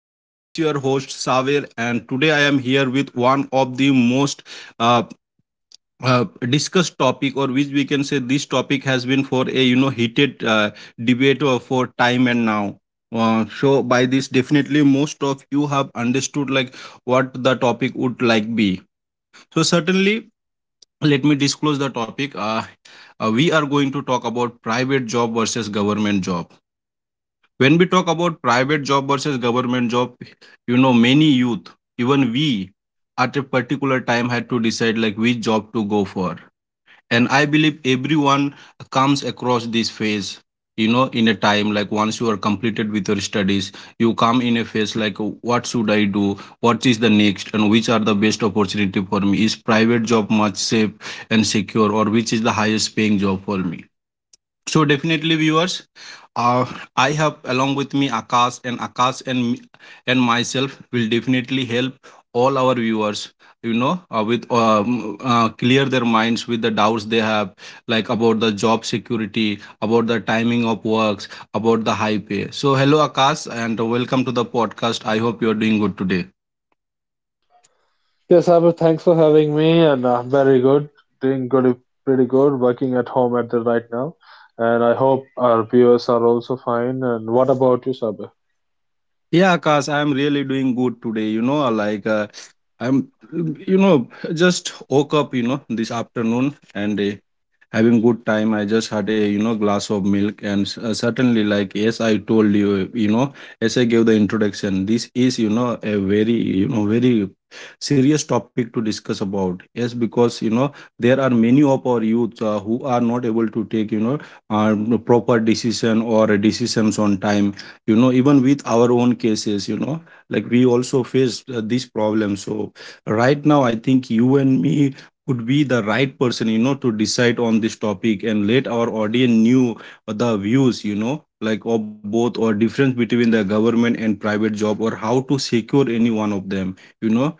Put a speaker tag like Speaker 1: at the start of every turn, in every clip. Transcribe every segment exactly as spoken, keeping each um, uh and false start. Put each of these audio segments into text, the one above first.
Speaker 1: Uh, this is your host Saver, and today I am here with one of the most uh, uh, discussed topic, or which we can say this topic has been for a you know heated uh, debate uh, for time and now. Uh, so by this, definitely most of you have understood like what the topic would like be. So certainly, let me disclose the topic. Uh, uh, we are going to talk about private job versus government job. When we talk about private job versus government job, you know, many youth, even we, at a particular time had to decide like which job to go for, and I believe everyone comes across this phase, you know, in a time like once you are completed with your studies, you come in a phase like what should I do, what is the next, and which are the best opportunity for me? Is private job much safe and secure, or which is the highest paying job for me? So definitely, viewers, uh, I have along with me Akash, and Akash and me- and myself will definitely help all our viewers, You know, uh, with um, uh, clear their minds with the doubts they have, like about the job security, about the timing of works, about the high pay. So hello, Akash, and welcome to the podcast. I hope you are doing good today.
Speaker 2: Yes, Abhi, thanks for having me, and I'm very good, doing good, pretty good, working at home at the right now, and I hope our viewers are also fine. And what about you, Sabir?
Speaker 1: Yeah, Akash, I am really doing good today. You know, like uh, I'm, you know, just woke up, you know, this afternoon. And Uh, having good time, I just had a, you know, glass of milk. And s- uh, certainly, like, yes, I told you, you know, as I gave the introduction, this is, you know, a very, you know, very serious topic to discuss about. Yes, because you know, there are many of our youth uh, who are not able to take, you know, uh, proper decision or decisions on time, you know, even with our own cases, you know, like we also face uh, this problem. So right now I think you and me could be the right person, you know, to decide on this topic and let our audience knew the views, you know, like of both, or difference between the government and private job, or how to secure any one of them, you know.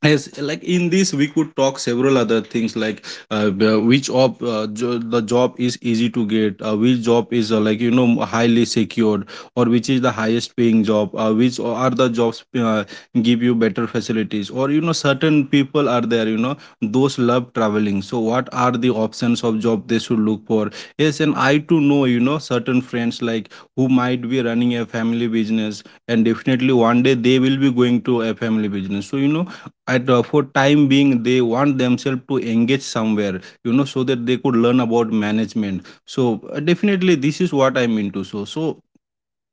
Speaker 1: Yes, like in this, we could talk several other things, like, uh, b- which job uh, jo- the job is easy to get, uh, which job is uh, like, you know, highly secured, or which is the highest paying job, uh, which are the jobs uh, give you better facilities, or you know, certain people are there, you know, those love traveling. So what are the options of job they should look for? Yes, and I too know, you know, certain friends like who might be running a family business, and definitely one day they will be going to a family business. So you know, at uh, for time being they want themselves to engage somewhere, you know, so that they could learn about management. So uh, definitely this is what I'm into. So so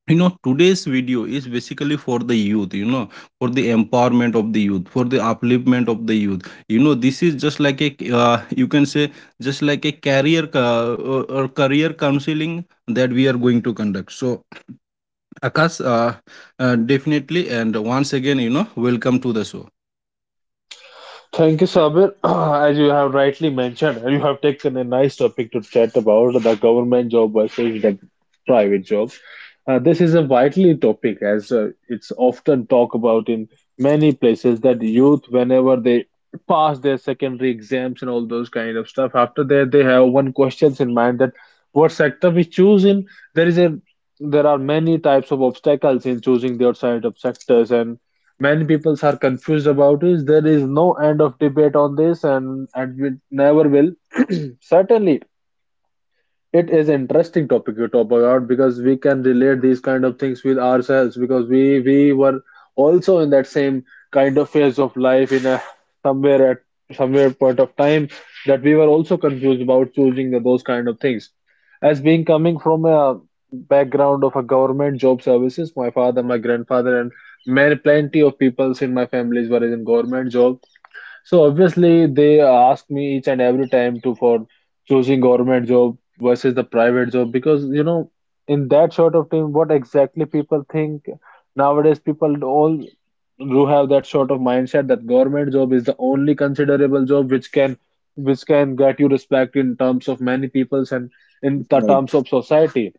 Speaker 1: you know, today's video is basically for the youth, you know, for the empowerment of the youth, for the upliftment of the youth, you know. This is just like a, uh, you can say just like a career uh, uh, or career counseling that we are going to conduct. So Akash, uh, uh, definitely, and once again, you know, welcome to the show.
Speaker 2: Thank you, Sabir. As you have rightly mentioned, you have taken a nice topic to chat about the government job versus the private job. Uh, this is a vital topic as uh, it's often talked about in many places that youth, whenever they pass their secondary exams and all those kind of stuff, after that they have one questions in mind that what sector we choose in. There is a There are many types of obstacles in choosing the outside of sectors, and many people are confused about, is there is no end of debate on this, and and we never will, certainly. It is an interesting topic you talk about, because we can relate these kind of things with ourselves, because we we were also in that same kind of phase of life in a somewhere at somewhere point of time, that we were also confused about choosing the, those kind of things. As being coming from a background of a government job services, my father, my grandfather, and many plenty of peoples in my families were in government job, so obviously they ask me each and every time to for choosing government job versus the private job, because you know, in that sort of time what exactly people think. Nowadays people all do have that sort of mindset that government job is the only considerable job which can, which can get you respect in terms of many peoples and in the terms of society.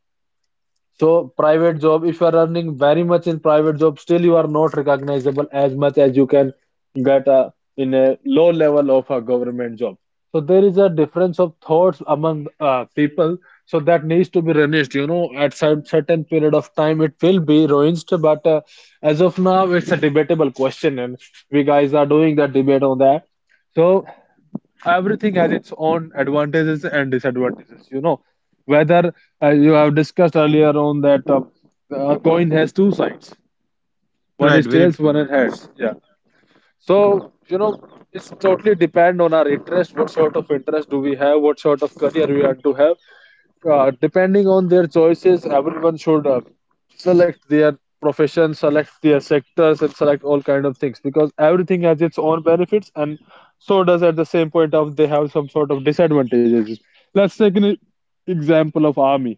Speaker 2: So private job, if you are earning very much in private job, still you are not recognizable as much as you can get a in a low level of a government job. So there is a difference of thoughts among uh, people. So that needs to be renounced. You know, at some certain period of time, it will be renounced. But uh, as of now, it's a debatable question, and we guys are doing the debate on that. So everything has its own advantages and disadvantages, you know, whether uh, you have discussed earlier on that uh, a coin has two sides, one
Speaker 1: Right,
Speaker 2: is
Speaker 1: very
Speaker 2: tails, one is
Speaker 1: true, Akash.
Speaker 2: heads, yeah. So you know, it's totally depend on our interest, what sort of interest do we have, what sort of career we are to have. Uh, depending on their choices, everyone should uh, select their profession, select their sectors, and select all kind of things, because everything has its own benefits, and so does at the same point of they have some sort of disadvantages. Let's take an e- example of army.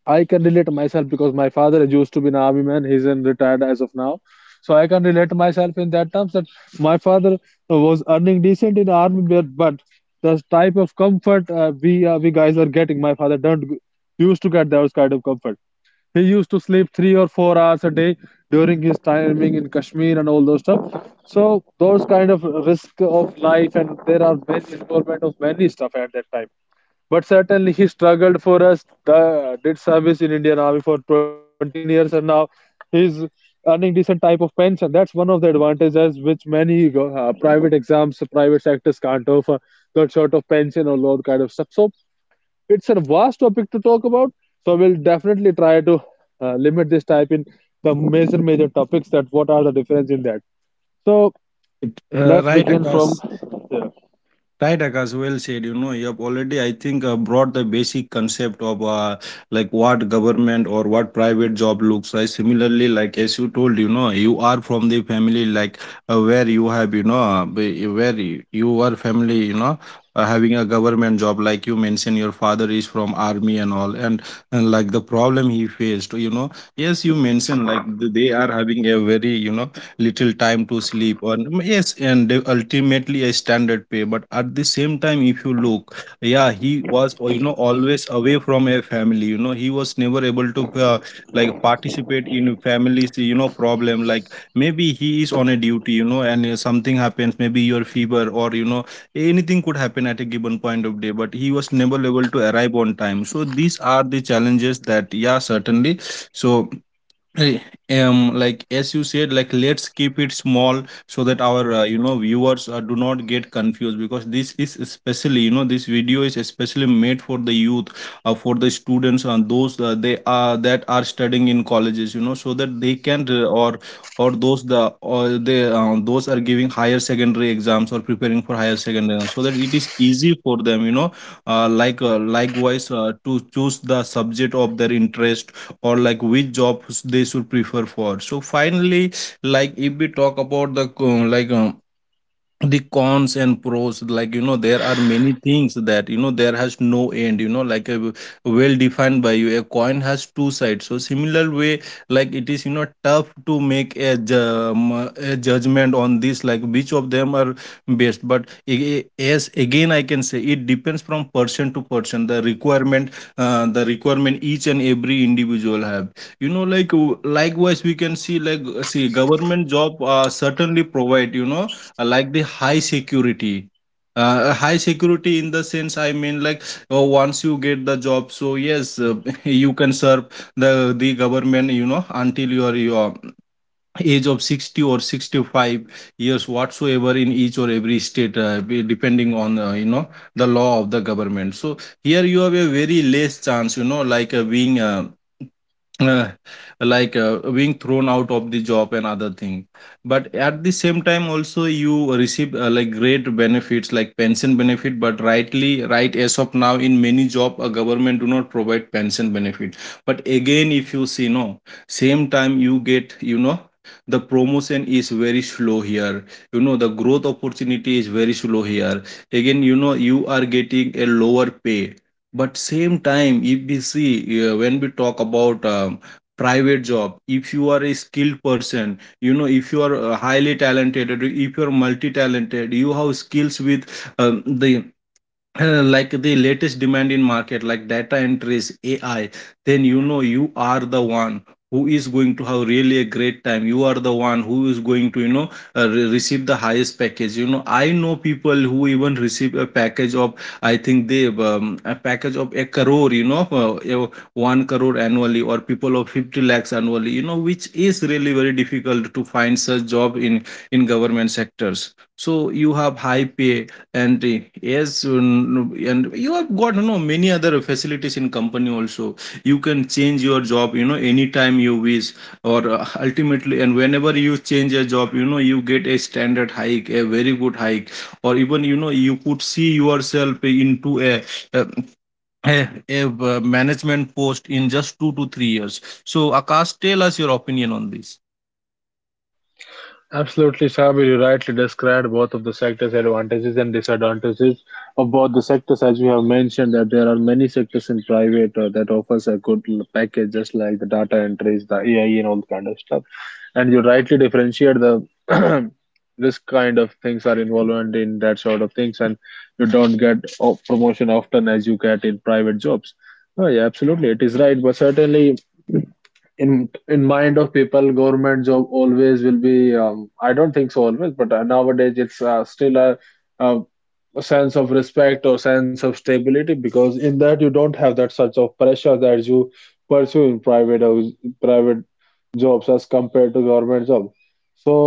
Speaker 2: I can relate myself because my father used to be an army man. He's in retired as of now, so I can relate myself in that terms that my father was earning decent in army, but but the type of comfort uh, we uh, we guys are getting, my father don't used to get those kind of comfort. He used to sleep three or four hours a day during his timing in Kashmir and all those stuff. So those kind of risk of life, and there are many involvement of many stuff at that time, but certainly he struggled for us, uh, did service in Indian Army for twenty-one years, and now he's earning decent type of pension. That's one of the advantages which many uh, private exams, private sectors can't offer, got short of pension or load kind of stuff. So it's a vast topic to talk about. So we'll definitely try to uh, limit this type in the major major topics that what are the difference in that. So
Speaker 1: It, uh,
Speaker 2: let's
Speaker 1: right,
Speaker 2: begin from
Speaker 1: Akash.
Speaker 2: there.
Speaker 1: Right, Akash. Well said. You know, you have already, I think, uh, brought the basic concept of uh, like what government or what private job looks like. Similarly, like as you told, you know, you are from the family, like uh, where you have, you know, uh, be- where you you are family, you know, uh, having a government job. Like you mentioned, your father is from army and all, and, and like the problem he faced, you know. Yes, you mentioned like th- they are having a very, you know, little time to sleep, or mm, yes, and they- ultimately a standard pay. But at the same time, if you look, yeah, he was, uh, you know, always away from a family, you know. He was never able to uh, like participate in families, you know, problem. Like maybe he is on a duty, you know, and uh, something happens, maybe your fever, or you know, anything could happen at a given point of day, but he was never able to arrive on time. So these are the challenges that, yeah, certainly, so Eh, um like as you said, like let's keep it small so that our, uh, you know, viewers uh, do not get confused, because this is especially, you know, this video is especially made for the youth, uh, for the students and those uh, they are that are studying in colleges, you know, so that they can uh, or or those the or they uh, those are giving higher secondary exams or preparing for higher secondary exams, so that it is easy for them, you know, uh, like uh, likewise uh, to choose the subject of their interest, or like which jobs they should prefer for. So finally, like if we talk about the, uh, like um, the cons and pros, like, you know, there are many things that, you know, there has no end, you know, like a, well defined by you, a coin has two sides. So similar way, like it is, you know, tough to make a, ju- um, a judgment on this, like which of them are best. But a- a- as again I can say, it depends from person to person, the requirement, uh, the requirement each and every individual have, you know. Like w- likewise we can see, like see, government job uh, certainly provide, you know, uh, like the high security. uh, uh, High security in the sense, I mean, like, uh, once you get the job, so yes, uh, you can serve the the government, you know, until your your age of sixty or sixty-five years, whatsoever, in each or every state, uh, be- depending on, uh, you know, the law of the government. So here you have a very less chance, you know, like uh, being uh, uh, like uh, being thrown out of the job and other thing. But at the same time also, you receive, uh, like great benefits, like pension benefit. But rightly, right, as of now in many job, a government do not provide pension benefit. But again, if you see, no, same time you get, you know, the promotion is very slow here, you know. The growth opportunity is very slow here. Again, you know, you are getting a lower pay. But same time, if we see, uh, when we talk about um, private job, if you are a skilled person, you know, if you are uh, highly talented, or if you are multi talented, you have skills with, um, the uh, like the latest demand in market, like data entries, ai, then you know, you are the one who is going to have really a great time. You are the one who is going to, you know, uh, re- receive the highest package, you know. I know people who even receive a package of, I think, they um, a package of a crore, you know, uh, uh, one crore annually, or people of fifty lakhs annually, you know, which is really very difficult to find such job in in government sectors. So you have high pay, and uh, yes, um, and you have got, you know, many other facilities in company also. You can change your job, you know, anytime you wish, or uh, ultimately, and whenever you change a job, you know, you get a standard hike, a very good hike, or even, you know, you could see yourself into a. a a, a uh, management post in just two to three years. So, Akash, tell us your opinion on this.
Speaker 2: Absolutely, Sabir, you rightly described both of the sectors' advantages and disadvantages of both the sectors, as we have mentioned that there are many sectors in private uh, that offers a good l- package, just like the data entries, the A I, and all kind of stuff. And you rightly differentiate the this kind of things are involved in that sort of things, and you don't get o- promotion often as you get in private jobs. Oh, yeah, absolutely, it is right, but certainly in in mind of people, government job always will be um, I don't think so always, but uh, nowadays it's uh, still a, a a sense of respect or sense of stability, because in that you don't have that such of pressure that you pursue in private house- private jobs as compared to government job. So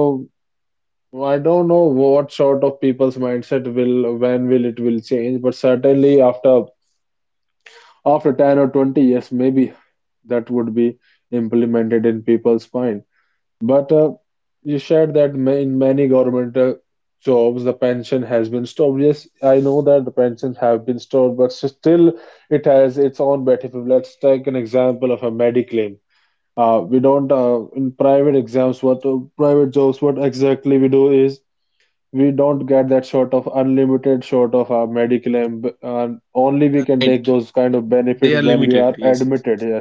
Speaker 2: I don't know what sort of people's mindset will, when will it will change, but certainly after after ten or twenty years maybe that would be implemented in people's mind. But uh, you shared that ma- in many government uh, jobs, the pension has been stopped. Yes, I know that the pensions have been stopped, but still it has its own benefit. Let's take an example of a mediclaim. Uh, we don't uh, In private exams, what uh, private jobs, what exactly we do is we don't get that sort of unlimited sort of a mediclaim, b- and only we can take
Speaker 1: Right,
Speaker 2: those kind of
Speaker 1: they
Speaker 2: benefits
Speaker 1: are
Speaker 2: when we
Speaker 1: limited.
Speaker 2: are
Speaker 1: Yes,
Speaker 2: admitted. Yeah.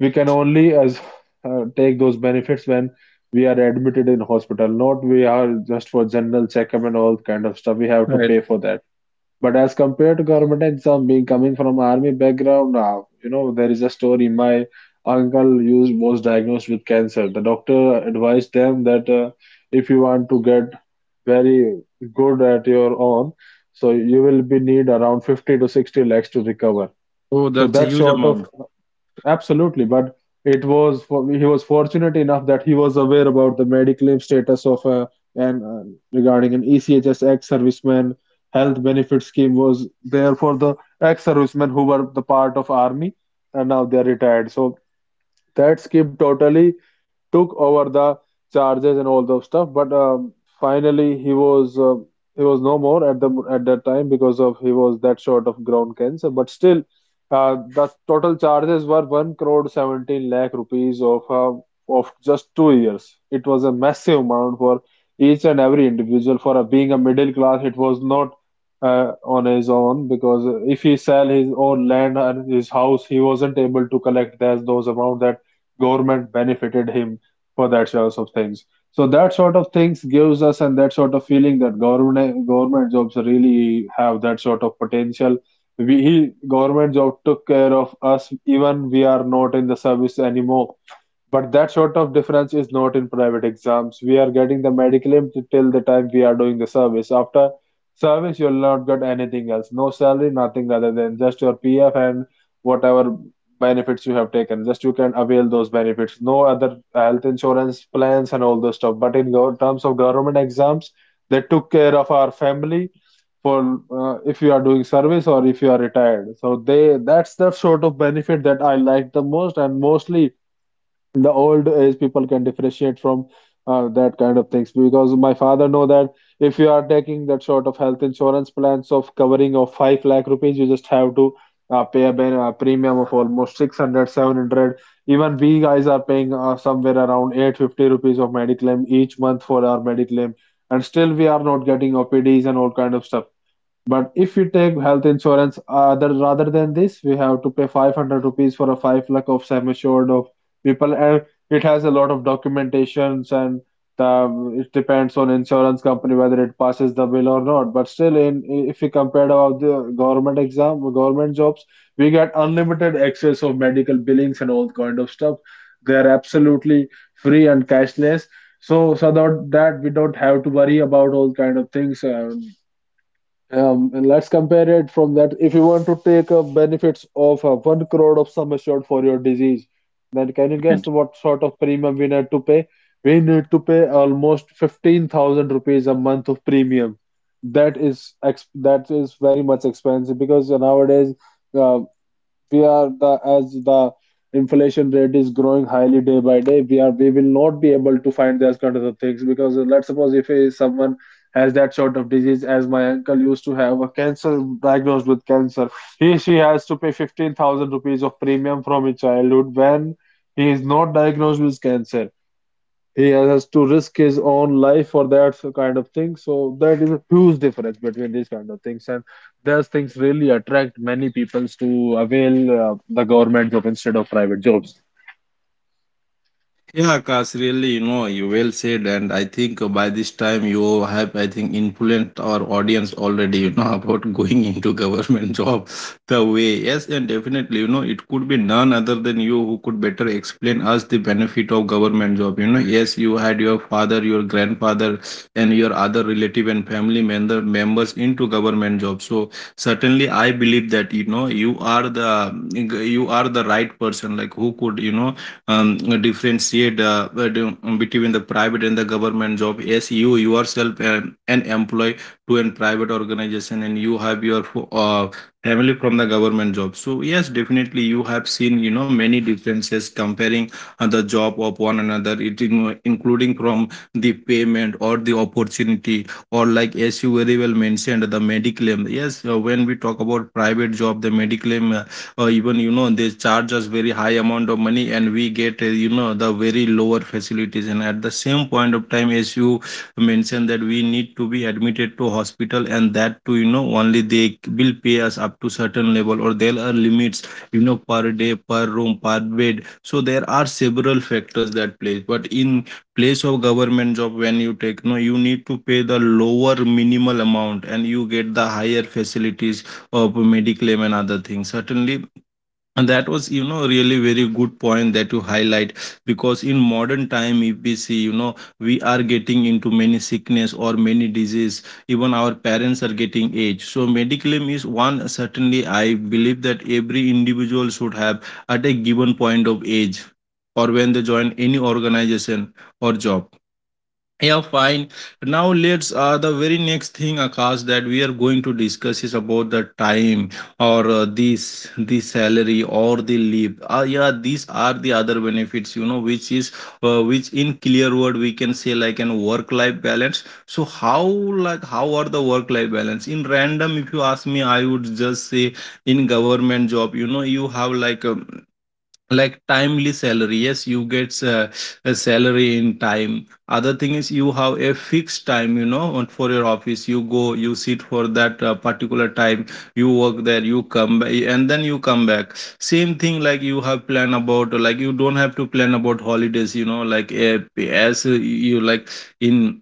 Speaker 2: We can only as uh, take those benefits when we are admitted in hospital, not we are just for general checkup and all kind of stuff. We have to
Speaker 1: right.
Speaker 2: pay for that. But as compared to government exam, being coming from army background, now you know there is a story. My uncle used was diagnosed with cancer. The doctor advised them that uh, if you want to get very good at your own, so you will be need around fifty to sixty lakhs to recover.
Speaker 1: So
Speaker 2: So
Speaker 1: that's a
Speaker 2: that
Speaker 1: huge
Speaker 2: sort of,
Speaker 1: amount.
Speaker 2: absolutely, but it was for, he was fortunate enough that he was aware about the medical status of a, and uh, regarding an E C H S ex-serviceman health benefit scheme was there for the ex-servicemen who were the part of army and now they are retired. So that Skip totally took over the charges and all those stuff. But um, finally, he was uh, he was no more at the at that time because of he was that short of ground cancer. But still, uh, the total charges were one crore seventeen lakh rupees of uh, of just two years. It was a massive amount for each and every individual. For a, being a middle class, it was not. Uh, on his own, because if he sell his own land and his house he wasn't able to collect that those amount, that government benefited him for that sorts of things. So that sort of things gives us and that sort of feeling that government government jobs really have that sort of potential. We he, government job took care of us even we are not in the service anymore. But that sort of difference is not in private exams. We are getting the medical aid till the time we are doing the service. After service, you'll not get anything else. No salary, nothing other than just your P F and whatever benefits you have taken. Just you can avail those benefits. No other health insurance plans and all those stuff. But in gov- terms of government exams, they took care of our family for uh, if you are doing service or if you are retired. So they that's the sort of benefit that I like the most, and mostly in the old age people can differentiate from uh, that kind of things, because my father know that if you are taking that sort of health insurance plans of covering of five lakh rupees, you just have to uh, pay a, ben- a premium of almost six hundred, seven hundred. Even we guys are paying uh, somewhere around eight fifty rupees of mediclaim each month for our mediclaim, and still we are not getting opds and all kind of stuff. But if you take health insurance, uh, that rather than this, we have to pay five hundred rupees for a five lakh of sum assured of people, and it has a lot of documentations, and the, it depends on insurance company whether it passes the bill or not. But still, in if you compare about the government exam, government jobs, we get unlimited access of medical billings and all kind of stuff. They are absolutely free and cashless. So, so that, that we don't have to worry about all kind of things. Uh, um, and let's compare it from that. If you want to take a benefits of uh, one crore of sum assured for your disease, then can you guess what sort of premium we need to pay? We need to pay almost fifteen thousand rupees a month of premium. That is ex that is very much expensive because nowadays uh, we are the as the inflation rate is growing highly day by day, we are we will not be able to find those kind of the things because let's suppose if a- someone has that sort of disease. As my uncle used to have a cancer, diagnosed with cancer, he she has to pay fifteen thousand rupees of premium from his childhood when he is not diagnosed with cancer. He has to risk his own life for that so- kind of thing. So that is a huge difference between these kind of things. And those things really attract many peoples to avail uh, the government job instead of private jobs.
Speaker 1: Yeah, Akash, really, you know, you well said, and I think, uh, by this time you have, I think, influenced our audience already, you know, about going into government job the way. Yes, and definitely, you know, it could be none other than you who could better explain us the benefit of government job. You know, yes, you had your father, your grandfather, and your other relative and family member members into government job. So certainly, I believe that you know you are the you are the right person, like who could you know um, differentiate, uh, um, between the private and the government job. Yes, you yourself um, an employee to a private organization, and you have your fo- uh, family from the government job. So yes, definitely you have seen, you know, many differences comparing uh, the job of one another, it in, including from the payment or the opportunity, or like as you very well mentioned, the mediclaim. Yes, uh, when we talk about private job, the mediclaim, uh, even you know they charge us very high amount of money, and we get uh, you know the very lower facilities, and at the same point of time, as you mentioned, that we need to be admitted to hospital, and that too you know only they will pay us up to certain level, or there are limits you know per day, per room, per bed. So there are several factors that plays, but in place of government job, when you take no, you need to pay the lower minimal amount and you get the higher facilities of mediclaim and other things, certainly. And that was, you know, really very good point that you highlight, because in modern time, if we see, you know, we are getting into many sickness or many disease. Even our parents are getting age. So mediclaim is one. Certainly, I believe that every individual should have at a given point of age, or when they join any organization or job. Yeah, fine. Now let's, uh, the very next thing, Akash, that we are going to discuss is about the time or uh, this the salary or the leave. Uh, yeah, these are the other benefits, you know, which is uh, which in clear word we can say like an work-life balance. So how like how are the work-life balance? In random, if you ask me, I would just say in government job, you know, you have like um like timely salary. Yes, you get uh, a salary in time. Other thing is you have a fixed time, you know, on- for your office, you go, you sit for that uh, particular time, you work there, you come back, and then you come back same thing, like you have plan about, like you don't have to plan about holidays, you know, like uh, as uh, you like in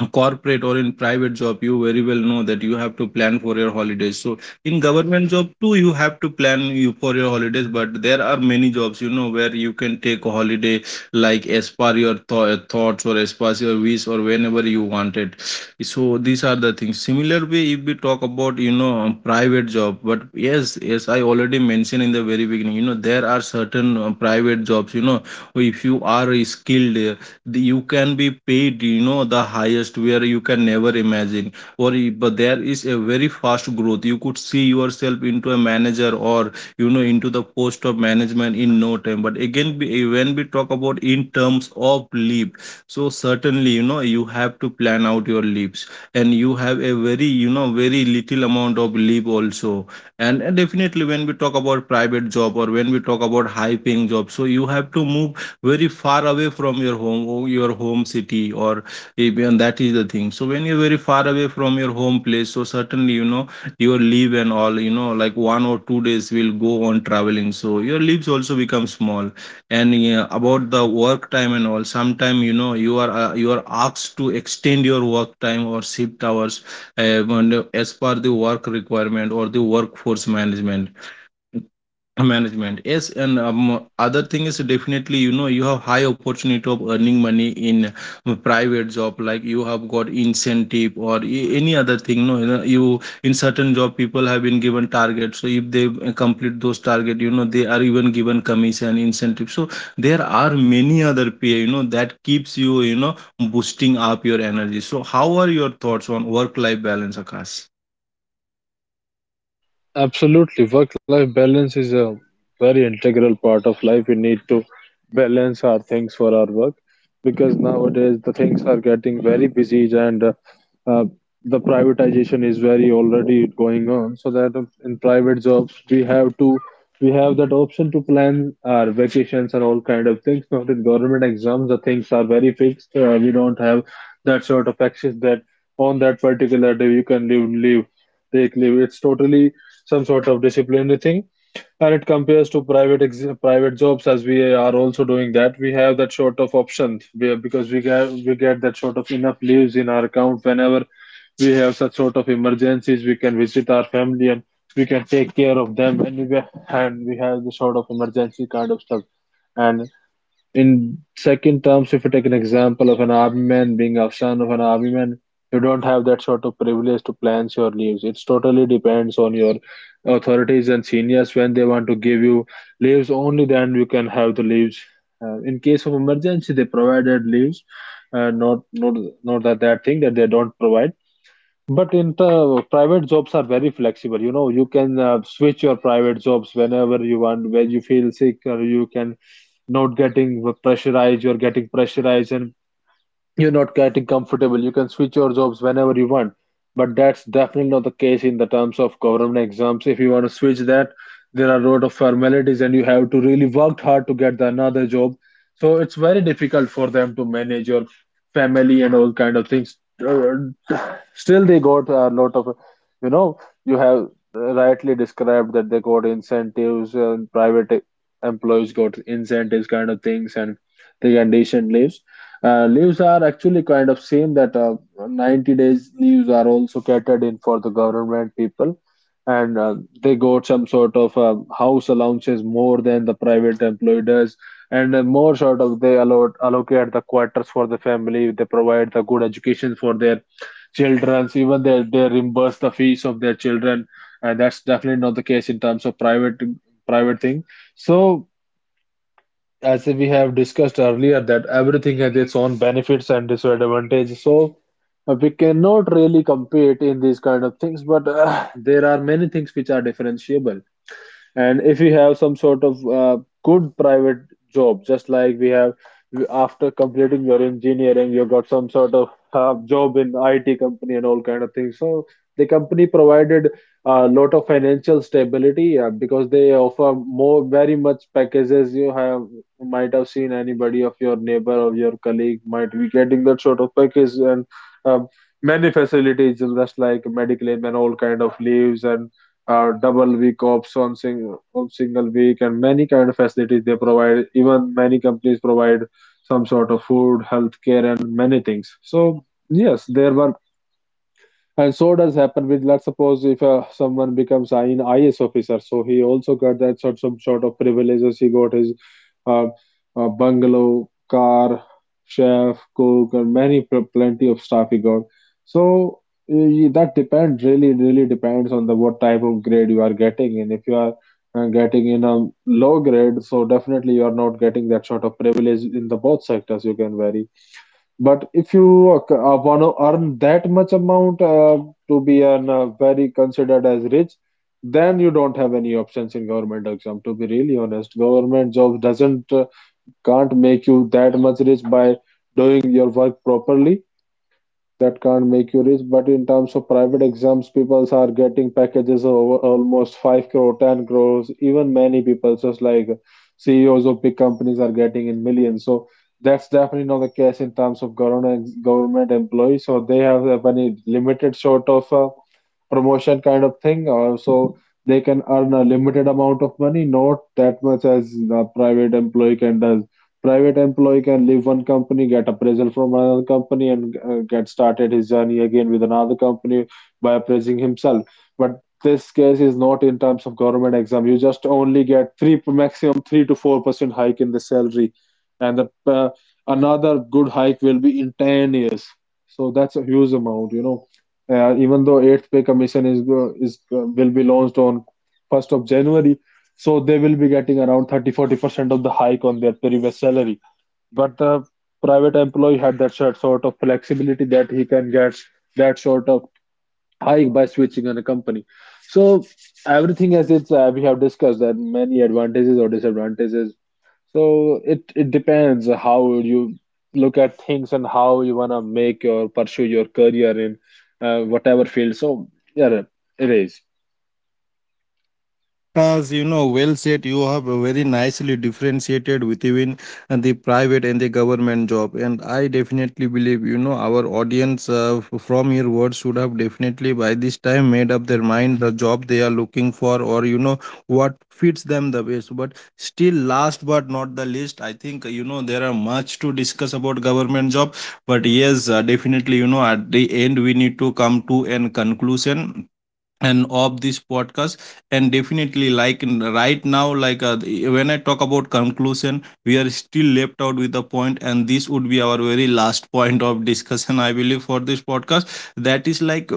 Speaker 1: a corporate or in private job, you very well know that you have to plan for your holidays. So in government job too, you have to plan you for your holidays, but there are many jobs, you know, where you can take a holiday like as per your tho- uh, thoughts or as per your wish or whenever you want it. So these are the things. Similar way, if we talk about, you know, um, private job, but yes, yes I already mentioned in the very beginning, you know, there are certain uh, private jobs, you know, if you are skilled, the- you can be paid, you know, the highest, where you can never imagine, or i- but there is a very fast growth, you could see yourself into a manager or, you know, into the post of management in no time. But again, we- when we talk about in terms of leave, so certainly, you know, you have to plan out your leaves, and you have a very, you know, very little amount of leave also. And, and definitely when we talk about private job, or when we talk about high paying job, so you have to move very far away from your home or your home city or even that is the thing. So when you're very far away from your home place, so certainly, you know, your leave and all, you know, like one or two days will go on traveling, so your leaves also become small. And yeah, about the work time and all, sometime, you know, you are uh, you are asked to extend your work time or shift hours, uh, and, uh, as per the work requirement or the workforce management, uh, Management, yes. And um, other thing is, definitely, you know, you have high opportunity of earning money in a private job, like you have got incentive or a- any other thing. No, you know, you in certain job, people have been given targets. So if they uh, complete those target, you know, they are even given commission incentive. So there are many other pay, you know, that keeps you, you know, boosting up your energy. So how are your thoughts on work life balance, Akash?
Speaker 2: Absolutely. Work-life balance is a very integral part of life. We need to balance our things for our work because nowadays the things are getting very busy and uh, uh, the privatization is very already going on. So that um, in private jobs we have to we have that option to plan our vacations and all kind of things. Not in government exams, the things are very fixed. Uh, we don't have that sort of access that on that particular day you can leave leave take leave. It's totally some sort of disciplinary thing, and it compares to private ex- private jobs. As we are also doing that, we have that sort of option we- because we get we get that sort of enough leaves in our account. Whenever we have such sort of emergencies, we can visit our family and we can take care of them, and we, and we have the sort of emergency kind of stuff. And in second terms, if you take an example of an army man, being a son of an army man, you don't have that sort of privilege to plan your leaves. It totally depends on your authorities and seniors when they want to give you leaves. Only then you can have the leaves. Uh, in case of emergency, they provided leaves. Uh, not not not that that thing that they don't provide. But in the private jobs are very flexible. You know, you can uh, switch your private jobs whenever you want, when you feel sick, or you can not getting pressurized, you're getting pressurized, and you're not getting comfortable. You can switch your jobs whenever you want, but that's definitely not the case in the terms of government exams. If you want to switch that, there are a lot of formalities, and you have to really work hard to get the another job. So it's very difficult for them to manage your family and all kind of things. Uh, Still, they got a lot of, you know, you have rightly described that they got incentives, and private employees got incentives kind of things, and they get decent leaves uh, leaves are actually kind of same, that uh, ninety days leaves are also catered in for the government people, and uh, they got some sort of uh, house allowances more than the private employee does, and uh, more sort of, they allot, allocate the quarters for the family. They provide the good education for their children, even they, they reimburse the fees of their children. And that's definitely not the case in terms of private private thing. So as we have discussed earlier, that everything has its own benefits and disadvantages. So uh, we cannot really compete in these kind of things, but uh, there are many things which are differentiable. And if you have some sort of uh, good private job, just like we have, after completing your engineering, you got some sort of uh, job in I T company and all kind of things. So the company provided a lot of financial stability uh, because they offer more, very much packages. You have you might have seen anybody of your neighbor or your colleague might be getting that sort of package, and um many facilities just like medical leave and all kind of leaves, and uh, double week option, on single week, and many kind of facilities they provide. Even many companies provide some sort of food, healthcare and many things. So yes, there were. And so does happen with, let's suppose, if uh, someone becomes an I S officer, so he also got that sort some sort of privileges. He got his uh, uh, bungalow, car, chef, cook, and many pl- plenty of stuff he got. So eh, that depends really, really depends on the what type of grade you are getting in. If you are uh, getting in a low grade, so definitely you are not getting that sort of privilege in the both sectors. You can vary, but if you uh, want to earn that much amount uh, to be an, uh, very considered as rich, then you don't have any options in government exam. To be really honest, government job doesn't uh, can't make you that much rich by doing your work properly. That can't make you rich, but in terms of private exams, people are getting packages of almost five crore, ten crores, even many people, just like C E Os of big companies are getting in millions. So that's definitely not the case in terms of government government employees. So they have a very limited sort of uh, promotion kind of thing. Uh, so they can earn a limited amount of money, not that much as the private employee can does. Private employee can leave one company, get appraisal from another company, and uh, get started his journey again with another company by appraising himself. But this case is not in terms of government exam. You just only get three maximum three to four percent hike in the salary, and the uh, another good hike will be in ten years. So that's a huge amount, you know. Uh, even though eighth pay commission is uh, is uh, will be launched on first of January, so they will be getting around thirty forty percent of the hike on their previous salary. But the private employee had that sort sort of flexibility that he can get that sort of hike by switching on a company. So everything, as it's uh, we have discussed, there are many advantages or disadvantages. So it it depends how you look at things and how you wanna make or pursue your career in uh, whatever field. So yeah, it is.
Speaker 1: Yeah, Akash, you know, well said. You have very nicely differentiated between the private and the government job. And I definitely believe, you know, our audience, uh, f- from your words should have definitely by this time made up their mind the job they are looking for, or, you know, what fits them the best. But still, last but not the least, I think, you know, there are much to discuss about government job. But yes, uh, definitely, you know, at the end, we need to come to an conclusion and of this podcast. And definitely, like, in- right now, like uh, the- when I talk about conclusion, we are still left out with the point, and this would be our very last point of discussion, I believe, for this podcast, that is like,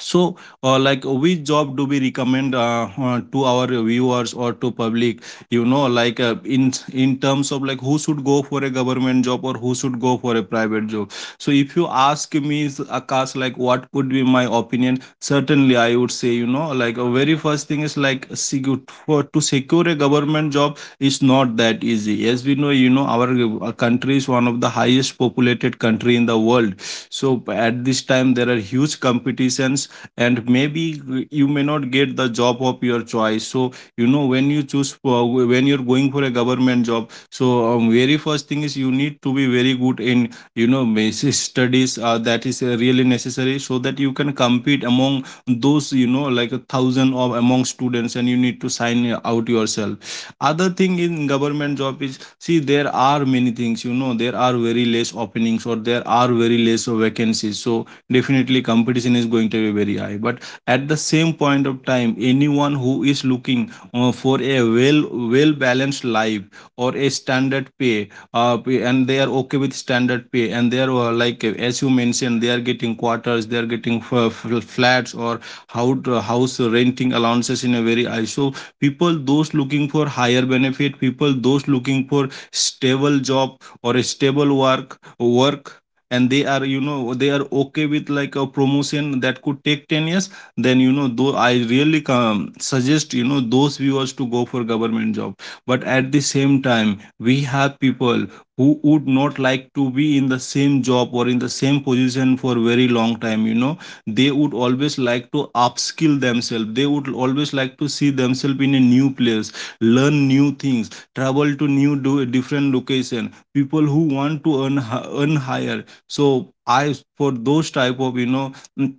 Speaker 1: so, uh, like, uh, which job do we recommend, uh, uh, to our viewers or to public, you know, like uh, in in terms of like who should go for a government job or who should go for a private job. So if you ask me, Akash, like what would be my opinion, certainly I would say, you know, like a very first thing is like secure, for to secure a government job is not that easy. As we know, you know, our uh, country is one of the highest populated country in the world, so at this time there are huge competitions, and maybe you may not get the job of your choice. So you know, when you choose for, when you're going for a government job, so um, very first thing is you need to be very good in, you know, basic studies, uh, that is uh, really necessary, so that you can compete among those, you know, like a thousand of among students, and you need to sign out yourself. Other thing in government job is, see, there are many things, you know, there are very less openings or there are very less vacancies. So definitely competition is going to be very high. But at the same point of time, anyone who is looking uh, for a well well balanced life, or a standard pay, uh, pay- and they are okay with standard pay, and they are uh, like, uh, as you mentioned, they are getting quarters, they are getting f- f- flats or how house renting allowances in a very high. So people those looking for higher benefit, people those looking for stable job or a stable work work, and they are, you know, they are okay with like a promotion that could take ten years, then you know, though I really um, suggest, you know, those viewers to go for government job. But at the same time, we have people who would not like to be in the same job or in the same position for very long time, you know, they would always like to upskill themselves, they would always like to see themselves in a new place, learn new things, travel to new, do different location. People who want to earn, hi- earn higher, so I for those type of, you know, mm,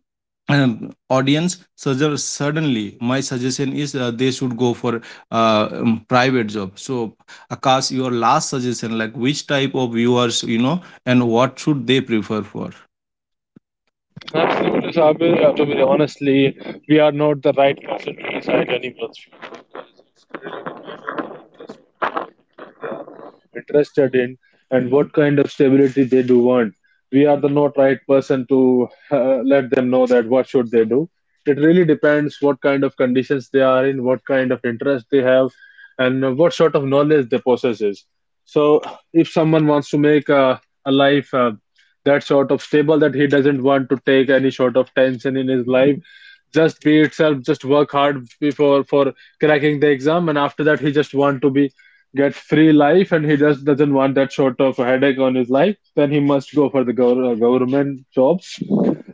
Speaker 1: um, audience suggest, suddenly my suggestion is uh, they should go for uh, um, private job. So Akash, your last suggestion, like which type of viewers, you know, and what should they prefer for?
Speaker 2: Absolutely, Sabir. Uh, to be honestly, we are not the right person to decide anyone's interested in and what kind of stability they do want. We are the not right person to uh, let them know that what should they do. It really depends what kind of conditions they are in, what kind of interest they have, and uh, what sort of knowledge they possesses. So if someone wants to make a, a life uh, that sort of stable, that he doesn't want to take any sort of tension in his life, just be itself, just work hard before for cracking the exam, and after that he just want to be get free life and he just doesn't want that sort of headache on his life, then he must go for the gov- uh, government jobs.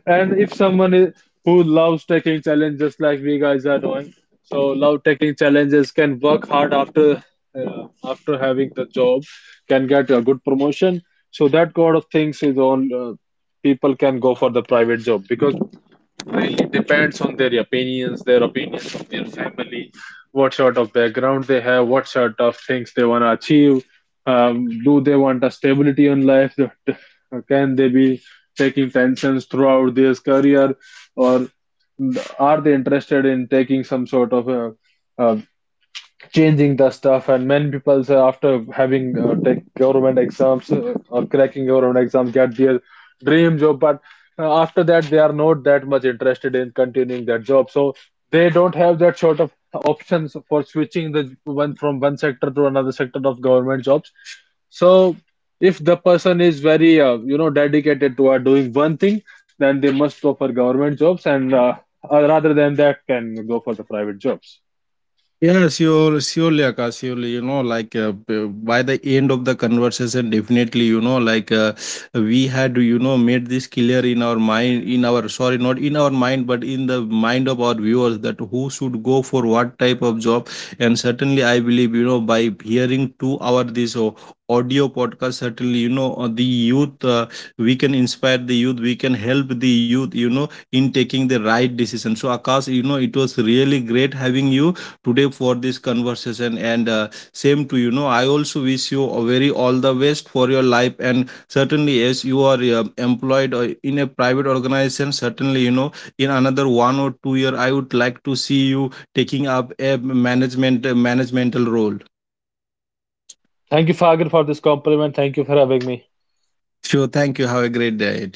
Speaker 2: And if someone is, who loves taking challenges, like we guys are doing, so love taking challenges can work hard after uh, after having the job, can get a good promotion. So that kind of things is on, uh, people can go for the private job, because really depends on their opinions, their opinions of their family, what sort of background they have, what sort of things they want to achieve. Um, do they want a stability in life? Can they be taking tensions throughout their career, or are they interested in taking some sort of a, a changing the stuff. And many people say, after having uh, take government exams uh, or cracking government exams, get their dream job, but uh, after that they are not that much interested in continuing that job. So they don't have that sort of options for switching the one from one sector to another sector of government jobs. So if the person is very uh, you know dedicated to uh, doing one thing, then they must go for government jobs, and uh, uh, rather than that can go for the private jobs.
Speaker 1: Yeah, sure, surely, Akash, surely, you know, like uh, b- by the end of the conversation, definitely, you know, like uh, we had, you know, made this clear in our mind, in our, sorry, not in our mind, but in the mind of our viewers, that who should go for what type of job. And certainly, I believe, you know, by hearing to our this uh, audio podcast, certainly, you know, uh, the youth, uh, we can inspire the youth, we can help the youth, you know, in taking the right decision. So, Akash, you know, it was really great having you today for this conversation. And uh, same to you, know, I also wish you a very all the best for your life. And certainly, as you are uh, employed uh, in a private organization, certainly, you know, in another one or two year, I would like to see you taking up a management a managemental role.
Speaker 2: Thank you, Fagir, for this compliment. Thank you for having me.
Speaker 1: Sure, thank you, have a great day.